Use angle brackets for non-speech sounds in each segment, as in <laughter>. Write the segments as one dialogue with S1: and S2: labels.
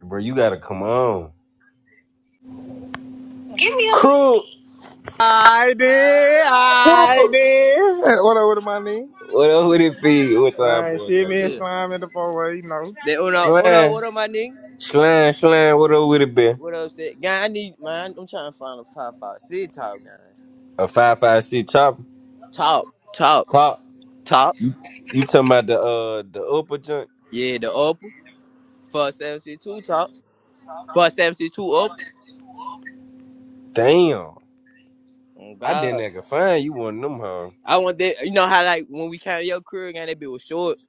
S1: Bro, you gotta come on. Crew,
S2: I did,
S1: crew.
S2: I did. What up, what up, my nigga?
S1: What up with it be? What time
S2: Right,
S1: boy
S2: shit,
S1: got
S2: me and Yeah.
S1: going?
S2: slime in the four you know. That uno uno
S1: Slan,
S2: what up my nigga?
S1: slan, slan. What up with it be?
S2: What up say? Guy, I need man, I'm trying to find a five five. See top guy.
S1: A five five C chopper.
S2: Top, top,
S1: Cop.
S2: top.
S1: You you talking about the uh the upper joint?
S2: Yeah, the upper for seventy two top. For seventy two up.
S1: Damn,
S2: Oh
S1: I didn't
S2: god.
S1: even find you one of them huh?
S2: I want that you know how like when we counted your career guy, that bit was short.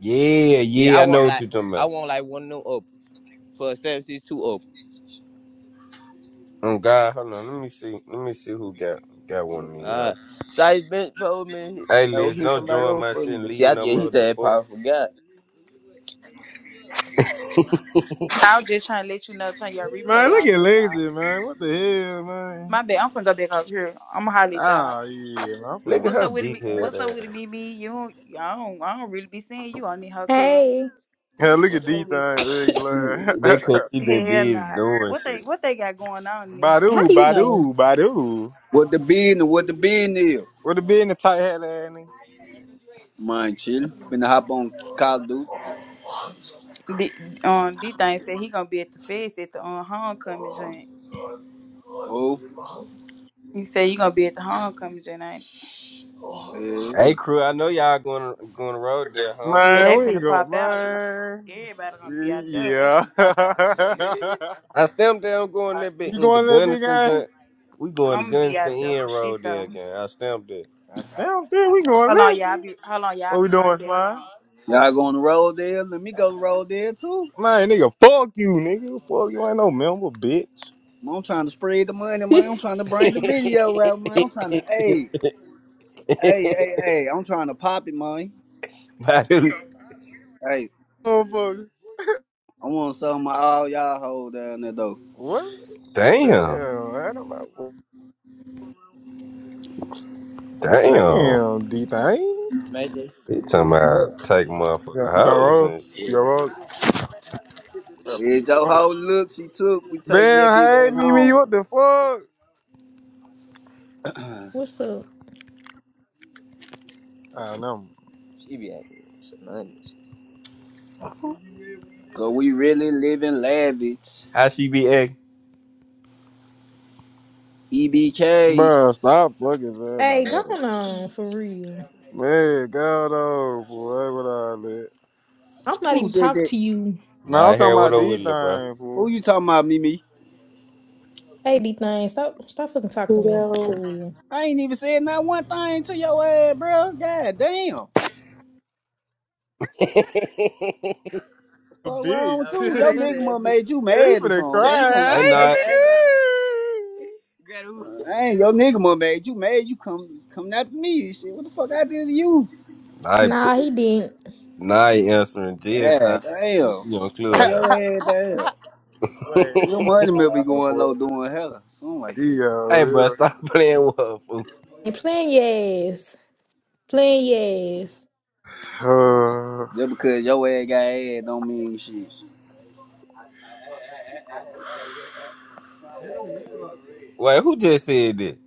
S1: Yeah,
S2: Yeah, I
S1: yeah. I know
S2: want
S1: what
S2: like
S1: you talking
S2: I
S1: about.
S2: want like one of them up for seventy two up.
S1: Oh God, hold on. Let me see. Let me see who got got one of these. Huh?
S2: Uh, so I been told me,
S1: Hey,
S2: no,
S1: Liz,
S2: hit
S1: don't
S2: somebody
S1: join
S2: else
S1: my
S2: for
S1: shit
S2: me.
S1: and
S2: But see,
S1: leave
S2: I
S1: no
S2: get
S1: more.
S2: he's
S1: The
S2: a
S1: fuck,
S2: powerful guy.
S3: I was just trying to let you know, turn your
S2: Man,
S3: replay
S2: look
S3: out.
S2: at
S3: This all.
S2: lazy, man. What the hell, man?
S3: My bad. I'm finna go back up here. I'm gonna holler at y'all.
S2: Oh yeah, man. I'm
S1: look
S2: gonna
S1: at
S3: What's
S1: her
S3: up with it?
S1: big
S3: me?
S2: man.
S1: head
S3: What's up with
S1: ass.
S3: it? me? Me? You? Don't, I don't. I don't really be seeing you on the hoe. cuz.
S4: Hey,
S2: Hell, look at
S3: What's
S2: these
S3: up with?
S2: things, big
S1: She,
S2: man.
S1: they
S2: <laughs>
S1: cause she been
S3: Hell
S1: busy
S3: nah.
S1: doing
S3: What they?
S1: shit.
S3: What they got going on in the hoe?
S4: how
S2: Badu,
S4: you know?
S2: Badu, Badu.
S5: What the bean? What the bean is?
S2: What the be in the tight hat, ass nigga?
S5: Mind chill. Finna hop on Call of Duty.
S3: The, um, D thing said he gonna be at the fest at the um, homecoming joint.
S5: Oh,
S3: He said you gonna be at the homecoming joint. ain't
S5: hey.
S1: Hey crew, I know y'all going going the road there, huh?
S3: you? Yeah,
S1: Come
S2: Man,
S3: they
S1: with
S2: where
S1: me.
S2: you
S3: finna
S2: go,
S3: pop out. You gonna,
S2: man?
S3: everybody gonna be out there. They
S2: Yeah.
S3: finna pop out.
S2: <laughs>
S1: I stamped there, I'm going that bit
S2: you
S1: in the
S2: going little big
S1: Gunnison
S2: guy?
S1: joint. We going to
S3: I'm gonna be out
S1: Gunnison
S3: there for
S1: End
S3: shit.
S1: Road there
S3: So
S1: again. I stamped there.
S2: I stand there. We going
S3: hold on,
S2: little.
S3: y'all. I
S2: big.
S3: be hold on, y'all. I
S2: What we
S3: be right
S2: doing,
S3: there. Hold
S2: Sly?
S3: on.
S5: Y'all going to roll there? Let me go to roll there too.
S2: Man, nigga, fuck you, nigga. Fuck you, ain't no member, bitch.
S5: Man, I'm trying to spread the money,
S4: <laughs>
S5: man. I'm trying to bring the video out, man. I'm trying to,
S1: <laughs>
S5: hey, hey, hey, hey. I'm trying to pop it, man.
S1: But it was-
S5: Hey,
S2: Motherfucker.
S5: I want some of my all y'all hold down there though.
S2: What?
S1: <laughs> damn.
S2: Damn, I don't know.
S1: Damn.
S2: Damn, D-Thing. Mayday.
S1: He talking about
S2: Yeah,
S1: take motherfucker
S2: You trying to
S1: hoes
S2: roll?
S1: and
S2: You Yeah.
S1: shit.
S2: gonna roll?
S5: It's your whole look she took. We taking that bitch
S2: Damn, hey,
S5: back
S2: Mimi,
S5: home.
S2: what the fuck?
S4: What's up?
S2: I know. She be acting synonymous.
S5: Cause we really living lavish.
S1: How she be acting?
S5: EBK.
S2: Bruh, stop fucking saying about
S4: Hey, go
S2: that.
S4: on for real.
S2: Man, God, oh, boy, what I live.
S4: I'm not
S5: Who
S4: even
S5: said
S4: talking
S5: that?
S4: to you.
S2: Now, I'm
S1: Nah,
S2: talking
S1: hair what
S2: about
S1: up with it, bro?
S2: D-Thing, fool.
S5: Who you talking about, Mimi?
S4: Hey, D thing, stop stop fucking talking to me.
S6: Yo,
S4: For real.
S5: I ain't even said not one thing to your ass, bro. God damn.
S1: <laughs>
S2: a
S5: Fuck wrong with
S2: bitch.
S5: you? Your
S2: Okay, <laughs>
S5: nigga must
S2: Zeb.
S5: made you
S2: He finna
S5: mad or
S2: <laughs>
S5: something,
S2: cry.
S5: bro. You gonna
S1: hey,
S2: I ain't
S5: take
S1: not.
S5: the anger?
S2: Greta, even <laughs> Greta. who-
S5: Hey, your nigga must made you mad. You come coming after me and shit. What the fuck I did to you?
S1: Nah, put.
S4: Nah, he didn't.
S1: Nah, he answering jail
S5: Yeah,
S1: calls and shit.
S5: damn.
S1: She on
S5: Slow
S1: club
S5: your head down.
S2: Boy,
S5: Your
S1: <laughs>
S5: money may be
S2: hell nah,
S5: going
S2: boy.
S5: low doing hella. Something like that.
S1: Hey,
S2: Yo,
S1: bro,
S2: yo.
S1: stop <laughs> playing with her, fool.
S4: And playing yes. Playing
S2: Uh,
S5: Just because your ass got ass don't mean shit.
S1: Wait, who just said that?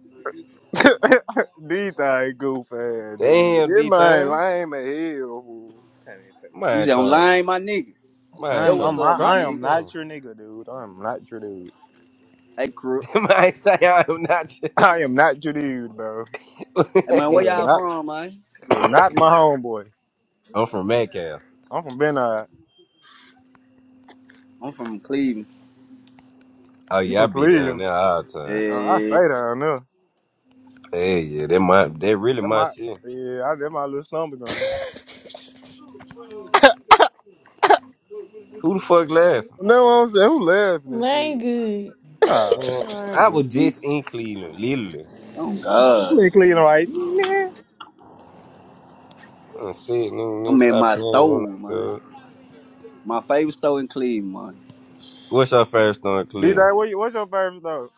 S2: these things goofy, dude.
S1: Damn,
S2: This
S1: D
S2: man
S1: thing.
S2: lame as hell, fool. Can't even take it.
S5: You
S1: Mine
S5: say I'm
S1: trying,
S5: lying, my nigga.
S1: mine
S5: That
S2: I'm,
S1: trying
S5: what's
S2: I'm,
S1: to
S2: I,
S5: up, my
S2: I
S1: strike
S2: am
S5: nigga.
S1: some.
S2: not your nigga, dude. I am not your dude.
S5: Hey,
S1: <laughs>
S5: crook.
S1: Mine say I am not.
S2: I am not your dude, bro.
S5: Hey man, where
S2: You are
S5: y'all
S2: not,
S5: from, man?
S2: you are not my homeboy.
S1: <laughs> I'm from Metcalf.
S2: I'm from Benide.
S5: I'm from Cleveland.
S1: Oh
S2: You
S1: yeah, I
S2: from
S1: be down
S2: Cleveland?
S1: there all the time.
S2: Uh, I
S5: Yeah,
S2: stay down there.
S1: Hey, yeah, that my, that really
S2: That
S1: my
S2: my,
S1: shit.
S2: yeah, I, that my little stomping ground.
S4: yes.
S1: Who the fuck laughing?
S2: Know what I'm saying? Who
S4: <laughs>
S2: laughing and
S4: Man
S2: shit?
S4: good.
S2: Oh,
S1: Man,
S2: I ain't
S1: I was
S2: good.
S5: yeah.
S1: just in Cleveland, literally.
S5: Oh
S2: I'm
S5: God,
S2: in Cleveland right now.
S1: I'm sitting, nigga,
S5: I'm at
S1: stop
S5: my
S1: playing with
S5: store,
S1: me,
S5: man.
S1: dog.
S5: My favorite store in Cleveland, man.
S1: What's your first on
S2: D
S1: Cleveland?
S2: Dot, what you, what's your favorite though?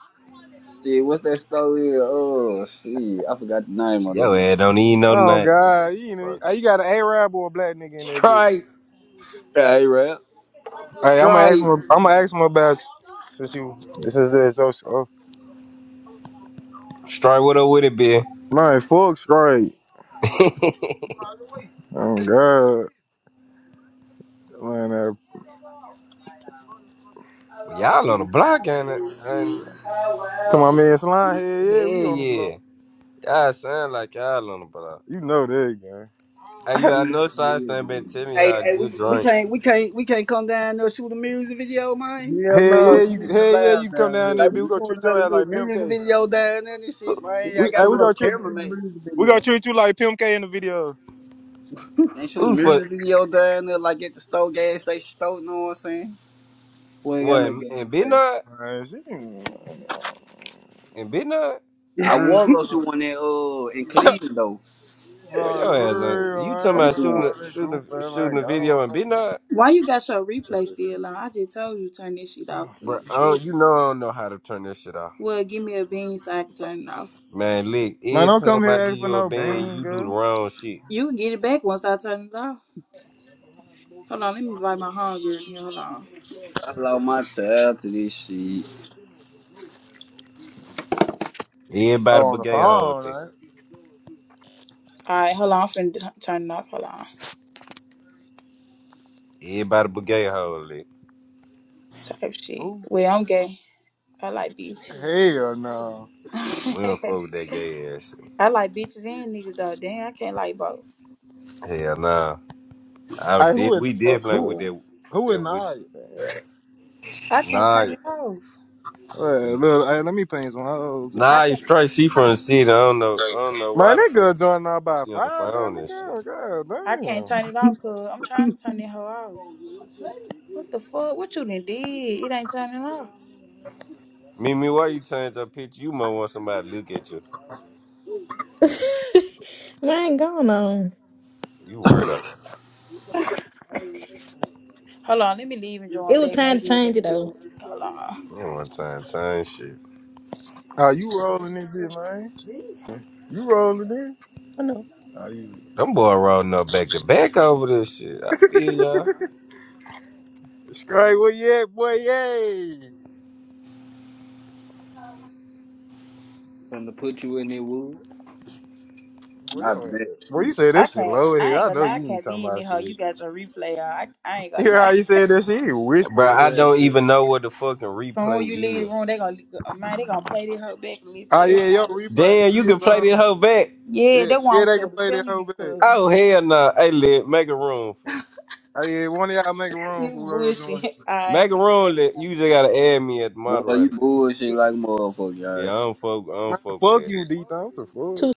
S5: Shit, what's that store here? Oh shit, I forgot the name of that
S1: Yo, I
S5: motherfucker.
S1: don't even know the
S2: Oh
S1: name
S2: God,
S1: of
S2: you
S1: the
S2: know,
S1: motherfucker.
S2: you got an Arab or a black nigga in that
S1: Strike.
S2: bitch.
S5: Hey, rap.
S2: Hey, I'm gonna ask
S1: Strike.
S2: him. I'm gonna ask him about you. Since you, this is this. So, so.
S1: Strike, what up with it, be? <laughs>
S2: man, fuck straight. Oh God, man. Uh,
S1: but y'all on the
S7: Zeus,
S1: block, ain't it? And
S2: to my man Slime, hell
S1: hell
S2: yeah, we on the
S1: yeah.
S2: block.
S1: Y'all sound like y'all on the block.
S2: You know that, gang.
S1: Hey,
S2: <laughs>
S1: look, I
S7: Them
S1: know
S7: niggas
S1: Science
S7: real
S1: ain't been
S7: down there.
S1: telling me
S5: Hey,
S1: y'all
S5: hey, we,
S1: good
S5: we
S1: drink.
S5: can't, we can't, we can't come down there and shoot a music video, man.
S7: Hell
S2: Hell
S7: no,
S2: yeah, you.
S7: you ain't
S2: Hell yeah,
S7: allowed
S2: you come
S7: down
S2: down
S7: here,
S2: there,
S5: Like we
S2: bitch. We
S5: can
S7: Pete.
S2: gonna
S5: shoot a
S2: treat your
S5: little,
S2: ass
S5: little
S2: like Pimp
S5: music
S2: K.
S5: video down there and shit, man. I
S2: We,
S7: Yeah,
S5: got
S2: hey,
S7: come
S5: my
S2: we
S7: on,
S5: little
S2: gonna treat.
S7: come
S5: camera,
S7: to the
S5: man.
S7: music
S2: We gonna
S7: video.
S2: treat you like Pimp K in the video.
S5: Can't shoot a
S1: Who the fuck?
S5: music video down there like at the store, gas station store. You know what I'm saying?
S7: We ain't got
S1: What,
S7: no
S1: and,
S7: game
S1: and Big
S7: to
S1: Nut?
S2: Man, she ain't
S1: And Big Nut?
S5: I
S7: say.
S2: real,
S5: was gonna
S2: bro.
S5: shoot one there, uh, in Cleveland though.
S1: Boy,
S2: Bro,
S1: your ass ain't.
S2: real,
S1: You talking
S2: I
S5: I'm
S2: ain't
S1: about
S2: with
S1: shooting
S5: too.
S2: all
S1: a,
S2: that
S1: shooting a,
S2: goofing,
S1: shooting a
S2: like,
S1: video and Big
S2: I
S1: Nut?
S3: Why you got your
S2: don't
S3: replay
S2: know.
S3: still on? I just told you turn this shit off. 'cause
S1: Bro,
S3: you
S1: I don't, you
S3: tripping?
S1: know I don't know how to turn this shit off.
S3: Well, give me a bean so I can turn it off.
S1: Man, Lick,
S2: Man,
S1: every
S2: don't come
S1: time
S2: here
S1: I
S2: asking
S1: give
S2: for
S1: you a
S2: no
S1: bean,
S2: bean,
S1: you do the
S2: girl.
S1: wrong shit.
S3: You can get it back once I turn it off. Hold on, let me invite my homegirl. in here. Hold on.
S5: I allow my child to this shit.
S2: Oh,
S1: Everybody
S2: on
S1: but
S2: the
S1: gay hold
S2: phone,
S1: it.
S2: right?
S3: All right, hold on. I'm finna d- turn it off. Hold on.
S1: Everybody but gay hole, Lick.
S3: Type shit.
S2: Who?
S3: Well, I'm gay. I like bitches.
S2: Hell no.
S3: <laughs>
S1: We don't
S3: I
S1: fuck with that gay ass shit.
S3: like bitches and niggas though. Damn, I can't like both.
S1: Hell nah. I
S2: Hey,
S1: did.
S2: who
S3: What
S2: in,
S3: the
S1: We
S3: fuck,
S1: did play
S2: who,
S1: with
S3: cuz?
S1: that
S2: who
S1: that
S2: in
S1: witch.
S2: the that?
S3: I can't
S1: Nah,
S3: turn it off.
S2: Hey, look, hey, let me paint some hoes.
S3: I
S1: nah. You
S3: can't.
S1: straight. She from the city. I don't know. I don't know
S2: Man,
S1: why the
S2: that
S1: fuck
S2: girl joining out by
S1: she on the
S2: five damn
S1: phone and shit.
S2: again. God
S3: I can't
S2: damn.
S3: turn it off, cuz I'm trying to turn that hoe off. What the fuck? What you done did? It ain't turning off.
S1: Mimi, why you change your picture? You must want somebody to look at you.
S4: <laughs> Man gone on.
S1: You weirdo.
S3: Hold on, let me leave and
S4: It
S3: join
S4: was
S3: back.
S4: time to
S3: Maybe it'll let
S4: change it
S3: me do
S4: though.
S3: it. Hold on.
S1: You don't want time change shit.
S2: Oh, you rolling this shit, man? You rolling this? I know. Oh, you.
S1: Them boy rolling up back to back over this shit. I feel y'all,
S2: Straight, where you at, boy? Yay!
S7: <laughs> to put you in there, Woo.
S2: Well,
S5: Not
S2: yo,
S5: bad.
S2: well, you said
S3: I
S2: that shit
S3: can't.
S2: low in
S3: I
S2: here.
S3: ain't
S2: I
S3: gonna
S2: know
S3: lie. I
S2: you ain't
S3: can't
S2: talking
S3: be in
S2: about
S3: here. You
S2: shit. <laughs>
S3: got are replay. on. I I ain't
S2: You
S3: gonna
S2: hear how
S3: lie.
S2: you
S3: <laughs>
S2: said that shit? You
S1: bro.
S2: whispering,
S1: I
S2: saying
S1: don't
S2: nigga.
S1: even know what the fucking
S3: Soon you leave
S1: replay
S3: the
S1: is.
S3: room, they gonna uh, man. They gonna play this whole back and listen to
S2: Oh yeah, yo,
S3: everybody.
S2: replay.
S1: Damn, you
S2: Yeah,
S1: can play this
S2: bro.
S1: hoe back.
S3: Yeah,
S2: Yeah,
S3: that's why
S2: yeah,
S3: I'm
S2: they can
S3: still
S2: play that
S3: telling
S2: whole
S3: you,
S2: bit.
S3: cause
S1: Oh hell no! Nah. Hey, let make a room for.
S2: Oh yeah, one of y'all make a room
S3: you
S2: for real
S3: bullshit.
S2: join.
S3: <laughs> All right, I'm
S1: Make a
S3: finna
S1: room
S3: slap
S1: that you just gotta add me at the
S5: Boy, you
S1: moderator game.
S5: bullshit
S3: you.
S5: like a motherfucker,
S1: Yeah,
S5: y'all.
S1: I don't fuck I
S2: Man,
S1: don't fuck with
S2: fuck
S1: that.
S2: you, D. What the fuck?